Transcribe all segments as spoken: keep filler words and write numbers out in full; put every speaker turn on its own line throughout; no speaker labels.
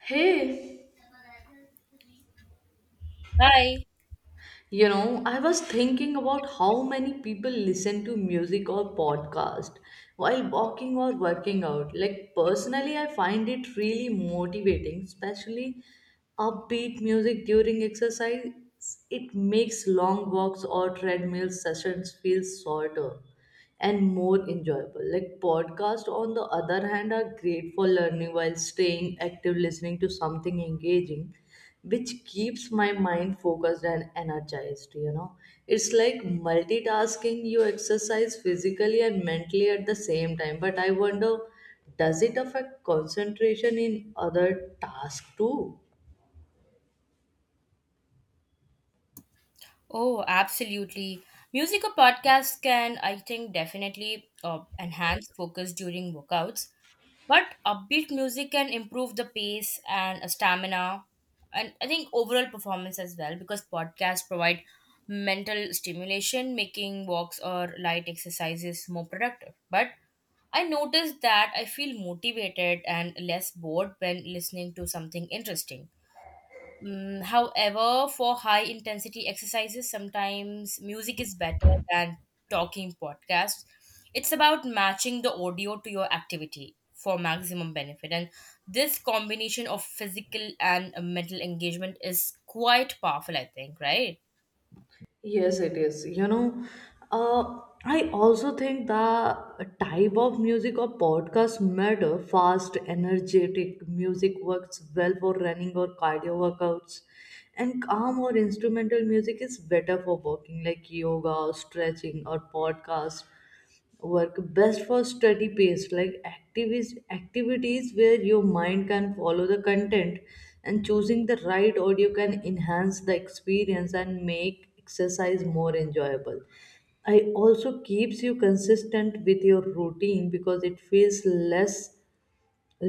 Hey,
Hi.
you know, I was thinking about how many people listen to music or podcast while walking or working out. Like personally, I find it really motivating, especially upbeat music during exercise. It makes long walks or treadmill sessions feel shorter and more enjoyable. Like podcasts, on the other hand, are great for learning while staying active, listening to something engaging, which keeps my mind focused and energized. You know, it's like multitasking. You exercise physically and mentally at the same time. But I wonder, does it affect concentration in other tasks too?
Oh, absolutely. Music or podcasts can, I think, definitely uh, enhance focus during workouts. But upbeat music can improve the pace and uh, stamina, and I think overall performance as well, because podcasts provide mental stimulation, making walks or light exercises more productive. But I noticed that I feel motivated and less bored when listening to something interesting. Mm, however, for high intensity exercises, sometimes music is better than talking podcasts. It's about matching the audio to your activity for maximum benefit. And this combination of physical and uh, mental engagement is quite powerful, I think, right?
Yes, it is. You know, uh, I also think the type of music or podcast matter. Fast, energetic music works well for running or cardio workouts, and calm or instrumental music is better for walking, like yoga or stretching or podcast work best for study pace like activist activities where your mind can follow the content, and choosing the right audio can enhance the experience and make exercise more enjoyable. I also keeps you consistent with your routine because it feels less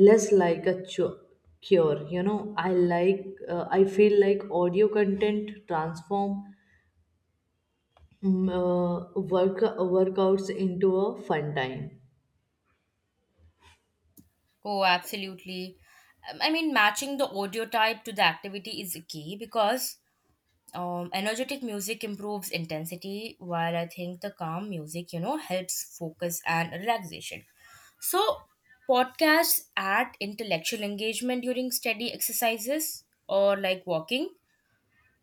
less like a chu- cure, you know I like, uh, I feel like audio content transform mm, uh, work workouts into a fun time.
Oh, absolutely. Um, I mean, matching the audio type to the activity is key because um, energetic music improves intensity while I think the calm music, you know, helps focus and relaxation, so podcasts add intellectual engagement during steady exercises or like walking,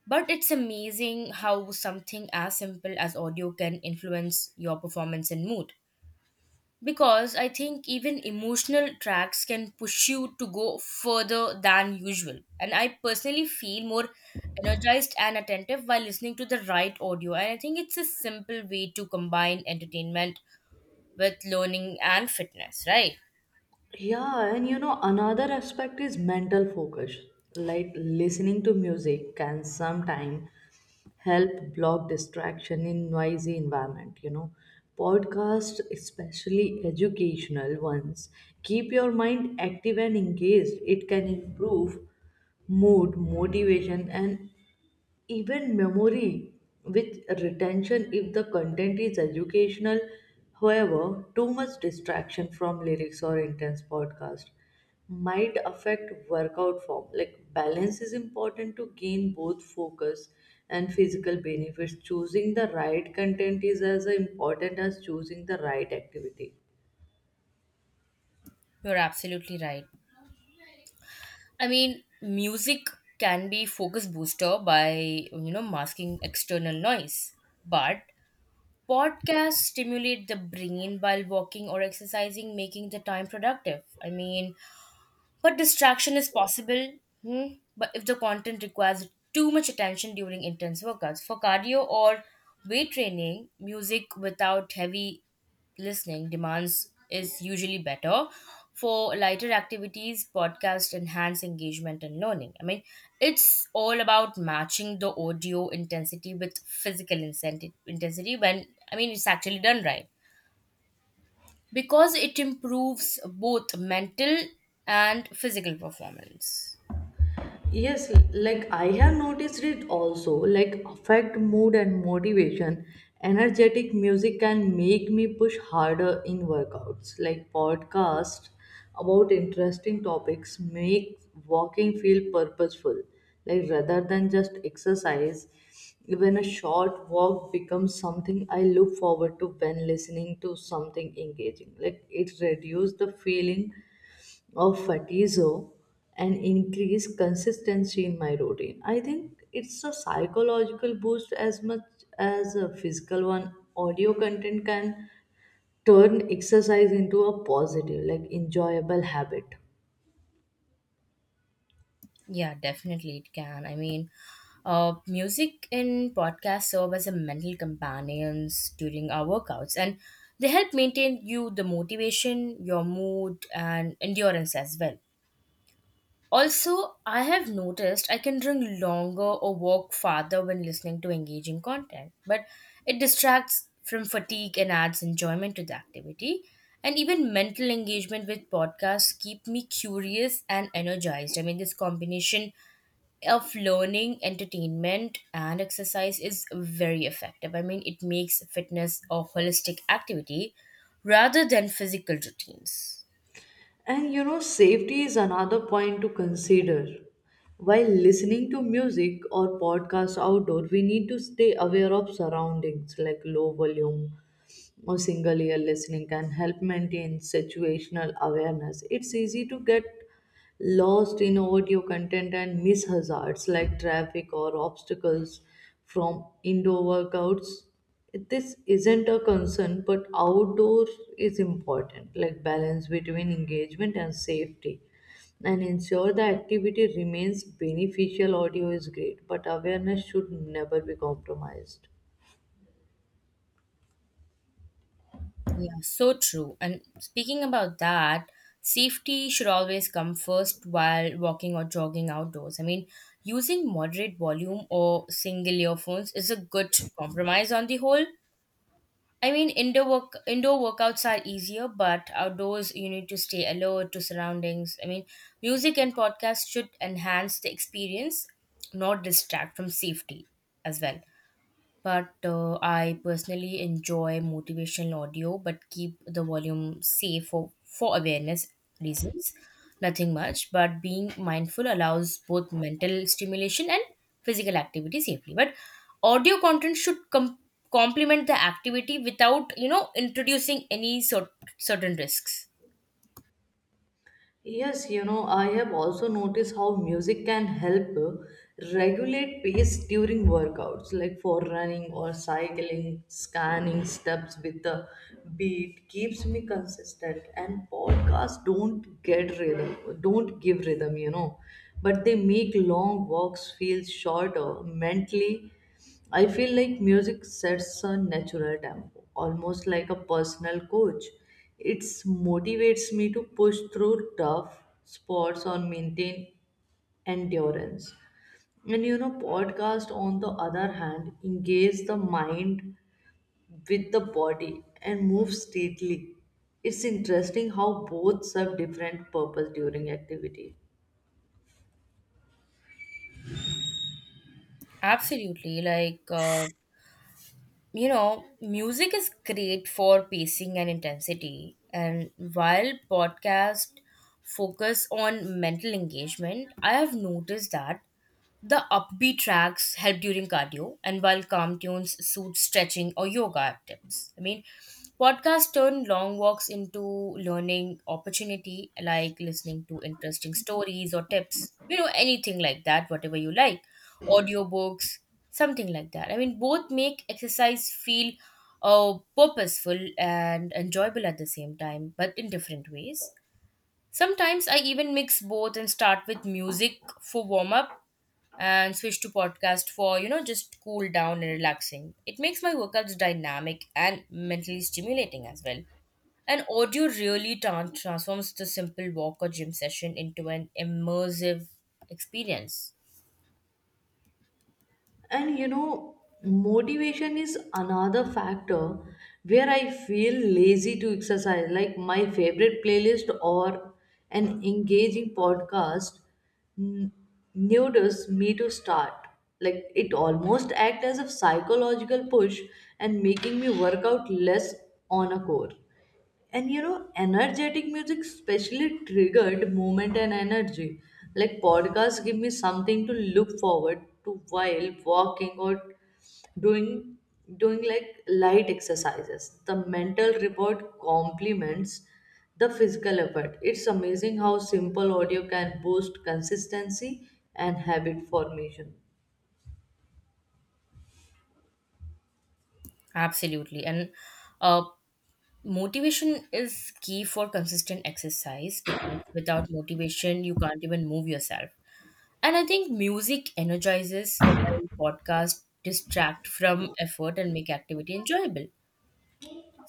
but it's amazing how something as simple as audio can influence your performance and mood, because I think even emotional tracks can push you to go further than usual. And I personally feel more energized and attentive while listening to the right audio. And I think it's a simple way to combine entertainment with learning and fitness, right?
Yeah, and you know, another aspect is mental focus. Like listening to music can sometimes help block distraction in noisy environment, you know. Podcasts, especially educational ones, keep your mind active and engaged. It can improve mood, motivation, and even memory with retention if the content is educational. However, too much distraction from lyrics or intense podcast might affect workout form. Like balance is important to gain both focus and physical benefits. Choosing the right content is as important as choosing the right activity.
You're absolutely right. I mean, music can be focus booster by, you know, masking external noise. But podcasts stimulate the brain while walking or exercising, making the time productive. I mean, but distraction is possible, hmm, but if the content requires too much attention during intense workouts. For cardio or weight training, music without heavy listening demands is usually better. For lighter activities, podcasts enhance engagement and learning. I mean, it's all about matching the audio intensity with physical incenti- intensity when, I mean, it's actually done right because it improves both mental and physical performance.
Yes, like I have noticed it also, like affect mood and motivation. Energetic music can make me push harder in workouts. Like podcasts about interesting topics make walking feel purposeful. Like rather than just exercise, even a short walk becomes something I look forward to when listening to something engaging. Like it reduces the feeling of fatizo and increase consistency in my routine. I think it's a psychological boost as much as a physical one. Audio content can turn exercise into a positive, like enjoyable habit.
Yeah, definitely it can. I mean, uh, music in podcasts serve as a mental companions during our workouts, and they help maintain you the motivation, your mood, and endurance as well. Also, I have noticed I can drink longer or walk farther when listening to engaging content, but it distracts from fatigue and adds enjoyment to the activity. And even mental engagement with podcasts keep me curious and energized. I mean, this combination of learning, entertainment, and exercise is very effective. I mean, it makes fitness a holistic activity rather than physical routines.
And you know, safety is another point to consider. While listening to music or podcasts outdoor, we need to stay aware of surroundings like low volume, or single ear listening can help maintain situational awareness. It's easy to get lost in audio content and miss hazards like traffic or obstacles from indoor workouts. This isn't a concern, but outdoor is important, like balance between engagement and safety, and ensure the activity remains beneficial. Audio is great, but awareness should never be compromised.
Yeah, so true. And speaking about that, safety should always come first while walking or jogging outdoors. I mean, using moderate volume or single earphones is a good compromise on the whole. I mean, indoor work indoor workouts are easier, but outdoors you need to stay alert to surroundings. I mean, music and podcasts should enhance the experience, not distract from safety as well, but uh, I personally enjoy motivational audio, but keep the volume safe for, for awareness reasons. Nothing much, but being mindful allows both mental stimulation and physical activity safely. But audio content should com- complement the activity without, you know, introducing any cer- certain risks.
Yes, you know, I have also noticed how music can help uh, regulate pace during workouts, like for running or cycling, scanning steps with the beat keeps me consistent. And podcasts don't get rhythm, don't give rhythm, you know, but they make long walks feel shorter mentally. I feel like music sets a natural tempo, almost like a personal coach. It motivates me to push through tough spots or maintain endurance. And you know, podcast on the other hand engage the mind with the body and move stately. It's interesting how both serve different purpose during activity.
Absolutely, like. Uh, you know, music is great for pacing and intensity, and while podcast focus on mental engagement, I have noticed that the upbeat tracks help during cardio, and while calm tunes suit stretching or yoga tips. I mean, podcasts turn long walks into learning opportunity, like listening to interesting stories or tips, you know, anything like that, whatever you like, audiobooks, something like that. I mean, both make exercise feel uh, purposeful and enjoyable at the same time, but in different ways. Sometimes I even mix both and start with music for warm up and switch to podcast for, you know, just cool down and relaxing. It makes my workouts dynamic and mentally stimulating as well. And audio really tran transforms the simple walk or gym session into an immersive experience.
And you know, motivation is another factor where I feel lazy to exercise. Like my favorite playlist or an engaging podcast n- nudges me to start. Like it almost acts as a psychological push and making me work out less on a core. And you know, energetic music specially triggered movement and energy. Like podcasts give me something to look forward to while walking or doing doing like light exercises. The mental reward complements the physical effort. It's amazing how simple audio can boost consistency and habit formation.
Absolutely. And uh, motivation is key for consistent exercise, because without motivation, you can't even move yourself. And I think music energizes while podcasts distract from effort and make activity enjoyable.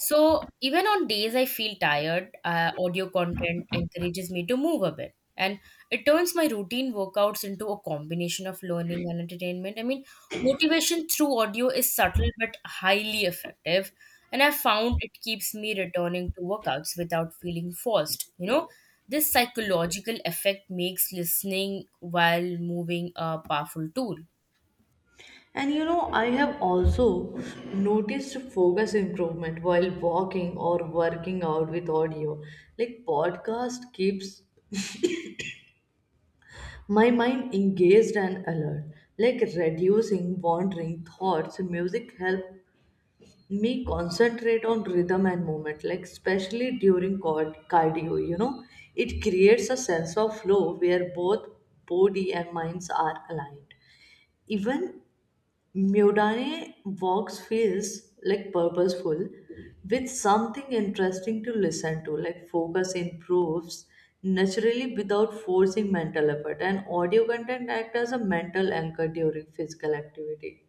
So even on days I feel tired, uh, audio content encourages me to move a bit. And it turns my routine workouts into a combination of learning and entertainment. I mean, motivation through audio is subtle but highly effective. And I found it keeps me returning to workouts without feeling forced. You know, this psychological effect makes listening while moving a powerful tool.
And you know, I have also noticed focus improvement while walking or working out with audio. Like podcast keeps my mind engaged and alert, like reducing wandering thoughts. Music help me concentrate on rhythm and movement, like especially during cord- cardio. You know, it creates a sense of flow where both body and minds are aligned. Even Mudane walks feels like purposeful with something interesting to listen to. Like focus improves naturally without forcing mental effort, and audio content act as a mental anchor during physical activity.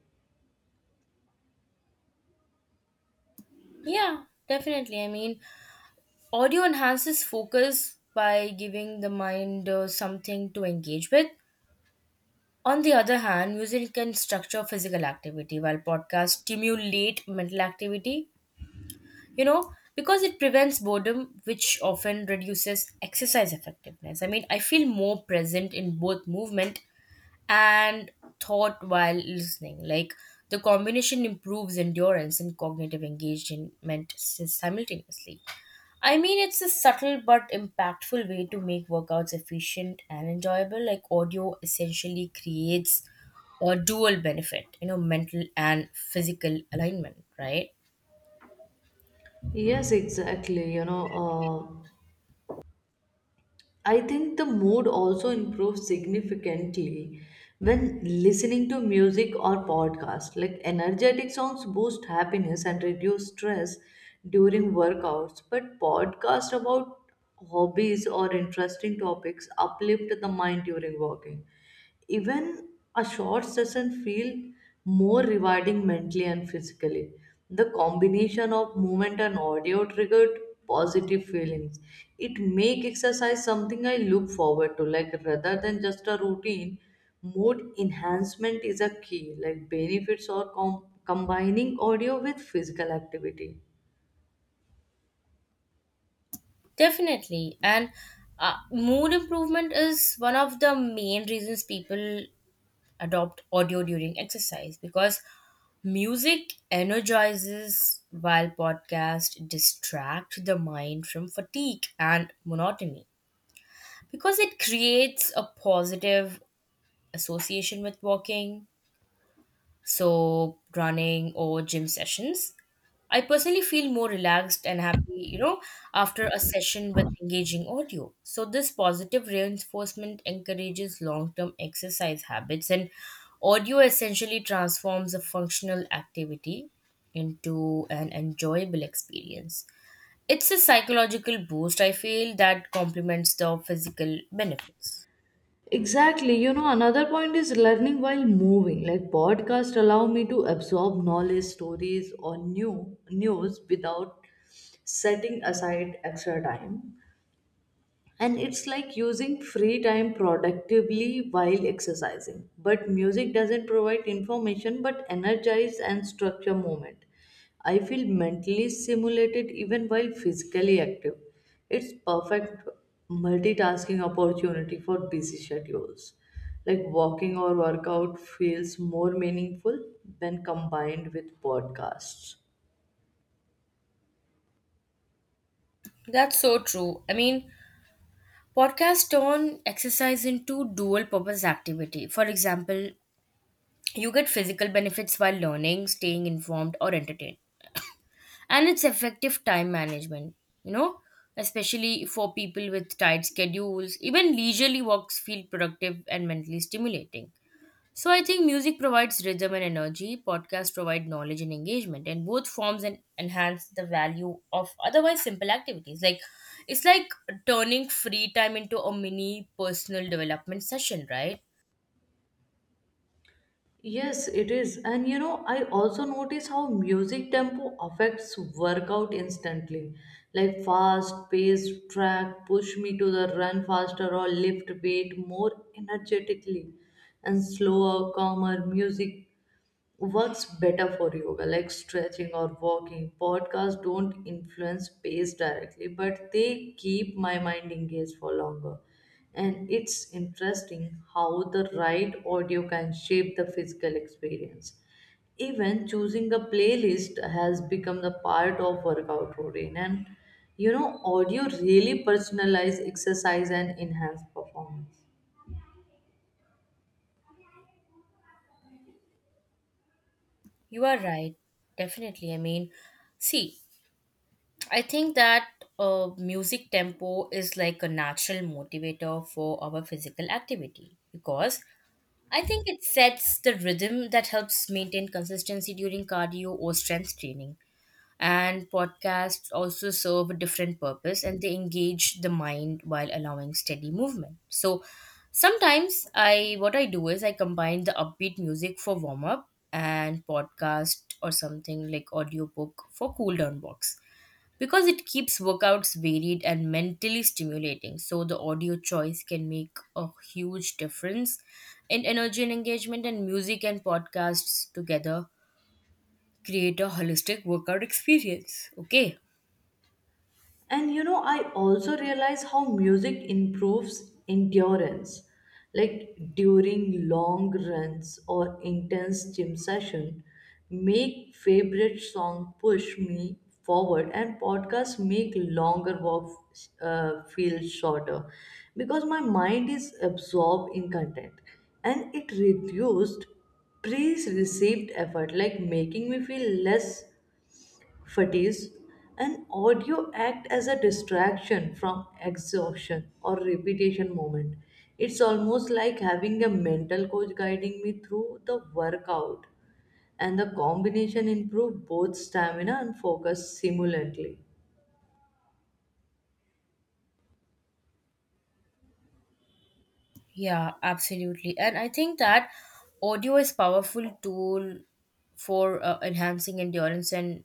Yeah, definitely. I mean, audio enhances focus by giving the mind uh, something to engage with. On the other hand, music can structure physical activity while podcasts stimulate mental activity, you know, because it prevents boredom, which often reduces exercise effectiveness. I mean, I feel more present in both movement and thought while listening. Like the combination improves endurance and cognitive engagement simultaneously. I mean, it's a subtle but impactful way to make workouts efficient and enjoyable. Like audio essentially creates a dual benefit, you know, mental and physical alignment, right?
Yes, exactly. You know, uh, I think the mood also improves significantly when listening to music or podcast. Like energetic songs boost happiness and reduce stress during workouts, but podcasts about hobbies or interesting topics uplift the mind during walking. Even a short session feel more rewarding mentally and physically. The combination of movement and audio triggered positive feelings. It make exercise something I look forward to, like rather than just a routine. Mood enhancement is a key, like benefits or com- combining audio with physical activity.
Definitely. And uh, mood improvement is one of the main reasons people adopt audio during exercise, because music energizes while podcasts distract the mind from fatigue and monotony, because it creates a positive association with walking, so running or gym sessions. I personally feel more relaxed and happy, you know, after a session with engaging audio. So this positive reinforcement encourages long term exercise habits, and audio essentially transforms a functional activity into an enjoyable experience. It's a psychological boost, I feel, that complements the physical benefits.
Exactly. You know, another point is learning while moving. Like podcasts allow me to absorb knowledge, stories, or new news without setting aside extra time, and it's like using free time productively while exercising. But music doesn't provide information but energize and structure movement. I feel mentally stimulated even while physically active. It's perfect multitasking opportunity for busy schedules. Like walking or workout feels more meaningful when combined with podcasts.
That's so true. I mean, podcasts turn exercise into dual purpose activity. For example, you get physical benefits while learning, staying informed, or entertained. And it's effective time management, you know, especially for people with tight schedules. Even leisurely walks feel productive and mentally stimulating. So I think music provides rhythm and energy, podcasts provide knowledge and engagement, and both forms and enhance the value of otherwise simple activities. Like it's like turning free time into a mini personal development session, right?
Yes, it is. And you know, I also notice how music tempo affects workout instantly. Like fast paced track push me to the run faster or lift weight more energetically. And slower, calmer music works better for yoga, like stretching or walking. Podcasts don't influence pace directly, but they keep my mind engaged for longer. And it's interesting how the right audio can shape the physical experience. Even choosing a playlist has become the part of workout routine. And you know, audio really personalize exercise and enhance performance.
You are right. Definitely. I mean, see, I think that uh, music tempo is like a natural motivator for our physical activity, because I think it sets the rhythm that helps maintain consistency during cardio or strength training, and podcasts also serve a different purpose and they engage the mind while allowing steady movement. So sometimes I what I do is I combine the upbeat music for warm up and podcast or something like audiobook for cool down box, because it keeps workouts varied and mentally stimulating, so the audio choice can make a huge difference in energy and engagement, and music and podcasts together create a holistic workout experience. Okay.
And you know, I also realize how music improves endurance. Like during long runs or intense gym session, make favorite song push me forward, and podcasts make longer walks uh, feel shorter because my mind is absorbed in content. And it reduced pre-received effort, like making me feel less fatigues. And audio act as a distraction from exhaustion or repetition moment. It's almost like having a mental coach guiding me through the workout, and the combination improve both stamina and focus simultaneously.
Yeah, absolutely. And I think that audio is powerful tool for uh, enhancing endurance and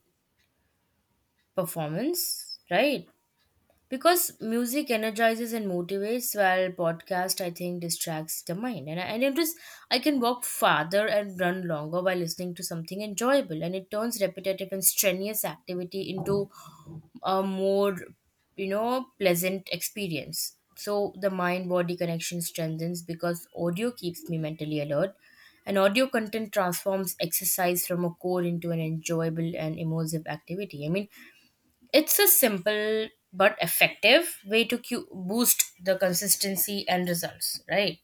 performance, right? Because music energizes and motivates while podcast I think distracts the mind and I, and it is, I can walk farther and run longer by listening to something enjoyable, and it turns repetitive and strenuous activity into a more, you know, pleasant experience. So the mind body connection strengthens because audio keeps me mentally alert, and audio content transforms exercise from a core into an enjoyable and immersive activity. I mean, it's a simple but effective way to cu- boost the consistency and results, right?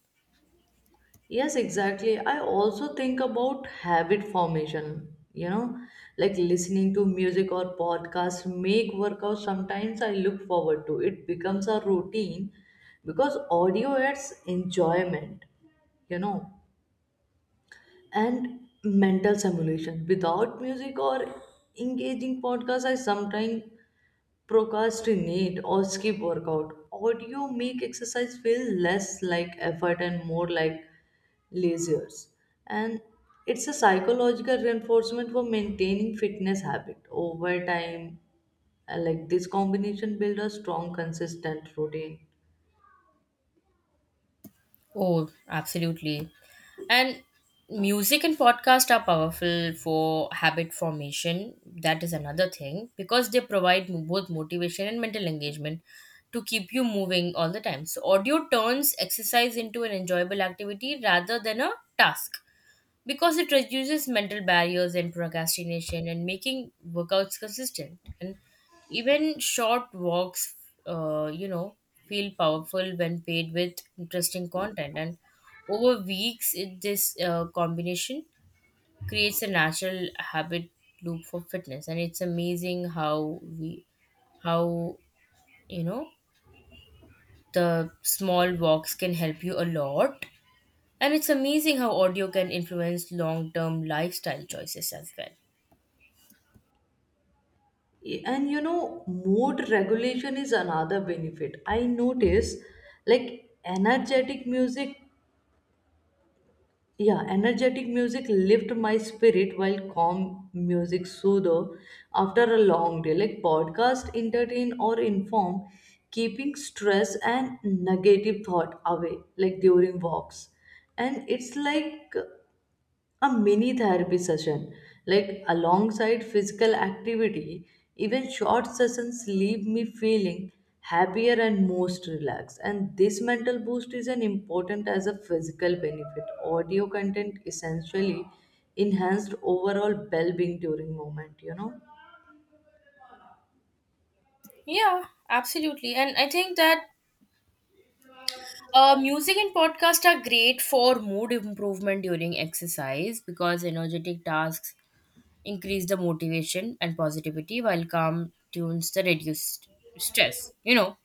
Yes, exactly. I also think about habit formation, you know, like listening to music or podcasts make workouts. Sometimes I look forward to it becomes a routine because audio adds enjoyment, you know, and mental stimulation. Without music or engaging podcasts, I sometimes procrastinate or skip workout. Audio make exercise feel less like effort and more like leisures, and it's a psychological reinforcement for maintaining fitness habit over time. Uh, like this combination build a strong consistent routine.
Oh, absolutely. And music and podcast are powerful for habit formation. That is another thing, because they provide mo- both motivation and mental engagement to keep you moving all the time. So audio turns exercise into an enjoyable activity rather than a task, because it reduces mental barriers and procrastination and making workouts consistent, and even short walks, uh, you know, feel powerful when paired with interesting content. And over weeks it, this uh, combination creates a natural habit loop for fitness, and it's amazing how we how you know, the small walks can help you a lot, and it's amazing how audio can influence long term lifestyle choices as well.
And you know, mood regulation is another benefit I notice, like energetic music. Yeah, energetic music lift my spirit while calm music soothe after a long day. Like podcast entertain or inform, keeping stress and negative thought away, like during walks. And it's like a mini therapy session like alongside physical activity. Even short sessions leave me feeling happier and most relaxed, and this mental boost is an important as a physical benefit. Audio content essentially enhanced overall well-being during moment, you know.
Yeah, absolutely. And I think that uh, music and podcast are great for mood improvement during exercise, because energetic tasks increase the motivation and positivity while calm tunes the reduce stress, you know.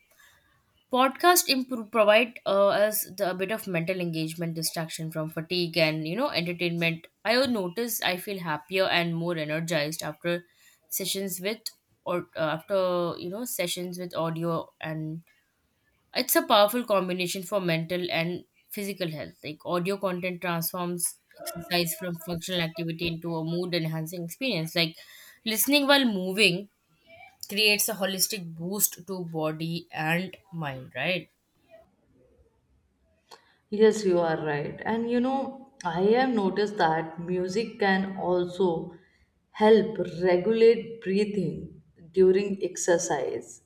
Podcast improve, provide uh, us the, a bit of mental engagement, distraction from fatigue, and you know entertainment. I would notice I feel happier and more energized after sessions with or uh, after, you know, sessions with audio, and it's a powerful combination for mental and physical health. Like audio content transforms exercise from functional activity into a mood enhancing experience. Like listening while moving creates a holistic boost to body and mind, right?
Yes, you are right. And you know, I have noticed that music can also help regulate breathing during exercise.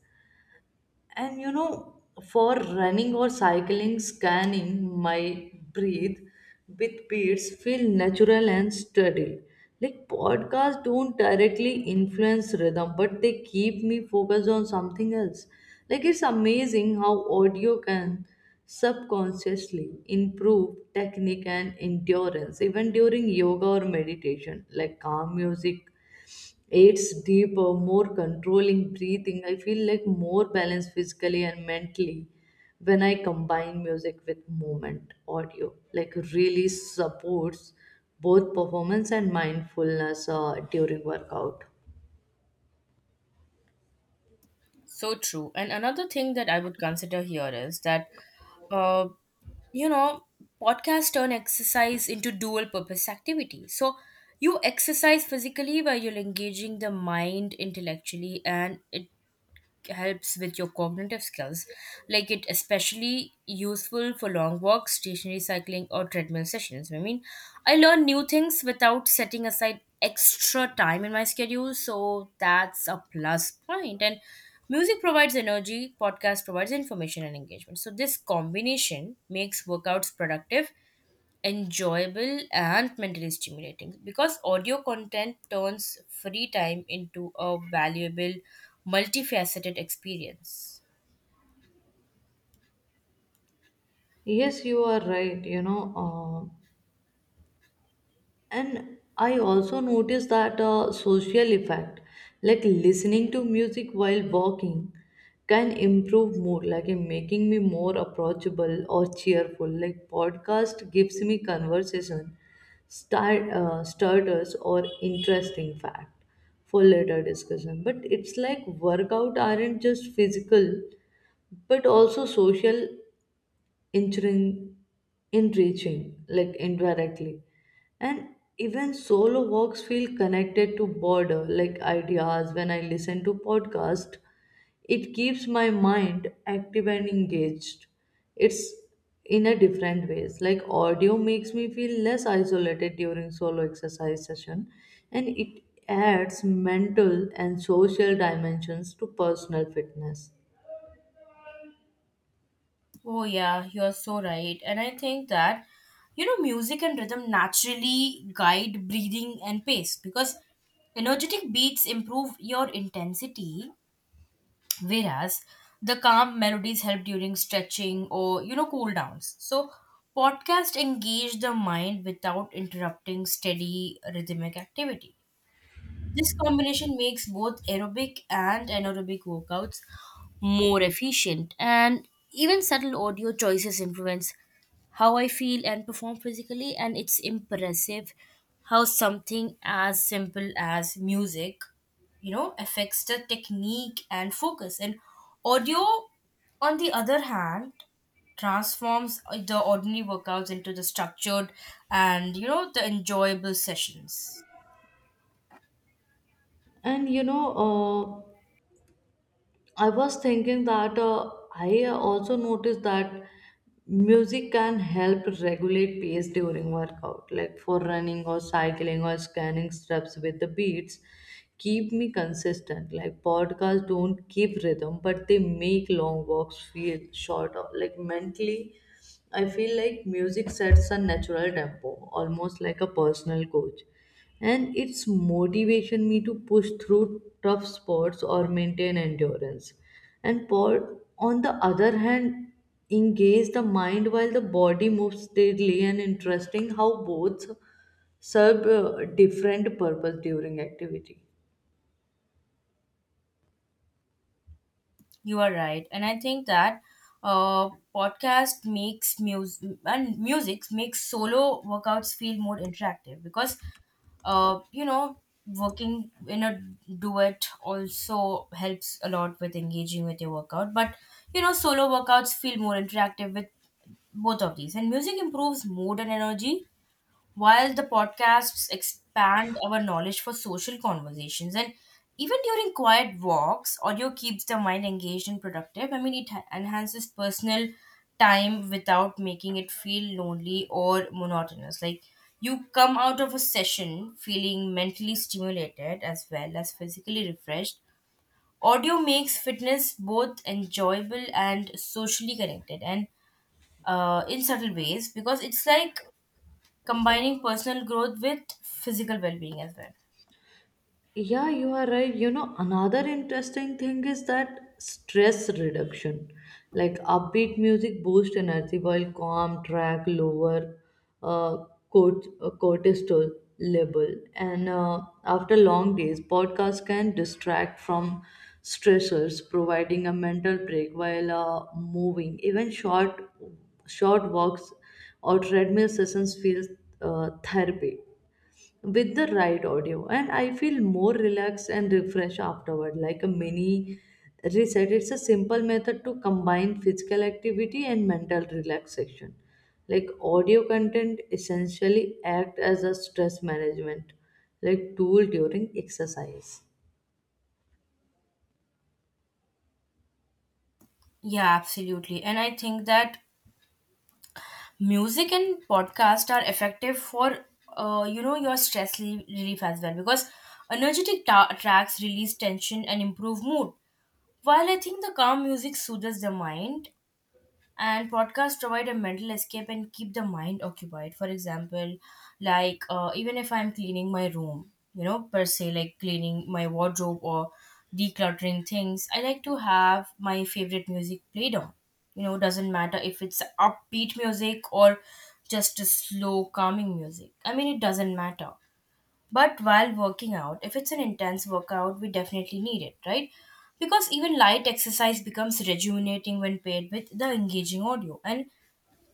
And you know, for running or cycling, scanning my breathe with beats feel natural and steady. Like podcasts don't directly influence rhythm, but they keep me focused on something else. Like it's amazing how audio can subconsciously improve technique and endurance even during yoga or meditation. Like calm music, it's deeper, more controlling breathing. I feel like more balanced physically and mentally when I combine music with movement, audio. Like really supports both performance and mindfulness uh, during workout.
So true. And another thing that I would consider here is that, uh, you know, podcasts turn exercise into dual purpose activity. So you exercise physically while you're engaging the mind intellectually, and it helps with your cognitive skills, like it especially useful for long walks, stationary cycling, or treadmill sessions. I mean, I learn new things without setting aside extra time in my schedule, so that's a plus point point. And music provides energy, podcast provides information and engagement, so this combination makes workouts productive, enjoyable, and mentally stimulating, because audio content turns free time into a valuable multifaceted experience.
Yes, you are right. You know, uh, And I also noticed that a social effect, like listening to music while walking, can improve mood, like in making me more approachable or cheerful. Like podcast gives me conversation start, uh, starters or interesting fact for later discussion. But it's like workout aren't just physical, but also social enriching, enriching like indirectly. And even solo walks feel connected to border like ideas when I listen to podcast. It keeps my mind active and engaged. It's in a different ways. Like audio makes me feel less isolated during solo exercise session, and it adds mental and social dimensions to personal fitness.
Oh yeah, you're so right, and I think that, you know, music and rhythm naturally guide breathing and pace, because energetic beats improve your intensity, whereas the calm melodies help during stretching or, you know, cool downs. So podcast engage the mind without interrupting steady rhythmic activity. This combination makes both aerobic and anaerobic workouts more efficient, and even subtle audio choices influence how I feel and perform physically. And it's impressive how something as simple as music, you know, affects the technique and focus. And audio, on the other hand, transforms uh, the ordinary workouts into the structured and, you know, the enjoyable sessions.
And you know, uh, I was thinking that uh, I also noticed that music can help regulate pace during workout, like for running or cycling or scanning steps with the beats. Keep me consistent. Like podcasts don't give rhythm, but they make long walks feel shorter. Like mentally, I feel like music sets a natural tempo, almost like a personal coach. And it's motivation me to push through tough spots or maintain endurance. And por- on the other hand, engage the mind while the body moves steadily. And interesting how both serve uh, different purpose during activity.
You are right, and I think that uh, podcast makes music and music makes solo workouts feel more interactive, because uh, you know, working in a duet also helps a lot with engaging with your workout. But you know, solo workouts feel more interactive with both of these, and music improves mood and energy while the podcasts expand our knowledge for social conversations, and even during quiet walks, audio keeps the mind engaged and productive. I mean, it ha- enhances personal time without making it feel lonely or monotonous. Like you come out of a session feeling mentally stimulated as well as physically refreshed. Audio makes fitness both enjoyable and socially connected, and uh, in subtle ways, because it's like combining personal growth with physical well-being as well.
Yeah, you are right. You know, another interesting thing is that stress reduction. Like upbeat music boosts energy while calm track lower uh, cort- uh, cortisol level. And uh, after long days, podcasts can distract from stressors, providing a mental break while uh, moving. Even short short walks or treadmill sessions feel uh, therapy with the right audio. And I feel more relaxed and refreshed afterward, like a mini reset. It's a simple method to combine physical activity and mental relaxation. Like audio content essentially act as a stress management like tool during exercise.
Yeah, absolutely, and I think that music and podcast are effective for uh, you know, your stress re- relief as well, because energetic ta- tracks release tension and improve mood, while I think the calm music soothes the mind, and podcasts provide a mental escape and keep the mind occupied. For example, like uh, even if I'm cleaning my room, you know, per se, like cleaning my wardrobe or decluttering things, I like to have my favorite music played on, you know, doesn't matter if it's upbeat music or just a slow calming music, I mean it doesn't matter. But while working out, if it's an intense workout, we definitely need it, right? Because even light exercise becomes rejuvenating when paired with the engaging audio. And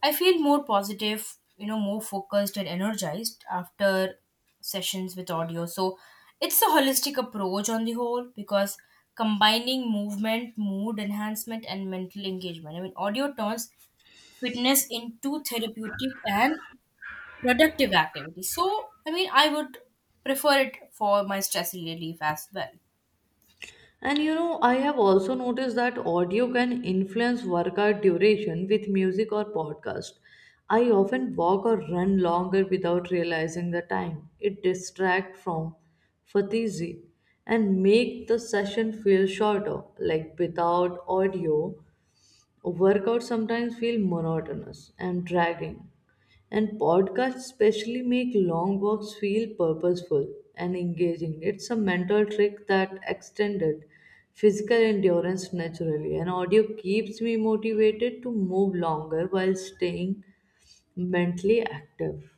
I feel more positive, you know, more focused and energized after sessions with audio. So it's a holistic approach on the whole, because combining movement, mood enhancement, and mental engagement. I mean, audio turns fitness into therapeutic and productive activity. So, I mean, I would prefer it for my stress relief as well.
And you know, I have also noticed that audio can influence workout duration with music or podcast. I often walk or run longer without realizing the time. It distracts from fatigue and make the session feel shorter. Like without audio, workouts sometimes feel monotonous and dragging, and podcasts especially make long walks feel purposeful and engaging. It's a mental trick that extended physical endurance naturally, and audio keeps me motivated to move longer while staying mentally active.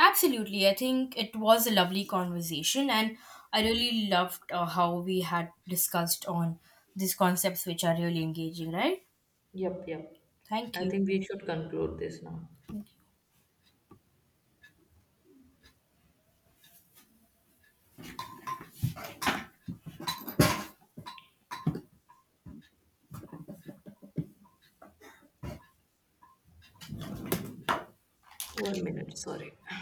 Absolutely. I think it was a lovely conversation, and I really loved uh, how we had discussed on these concepts, which are really engaging, right?
Yep, yep.
Thank
I
you.
think we should conclude this now. One minute, sorry.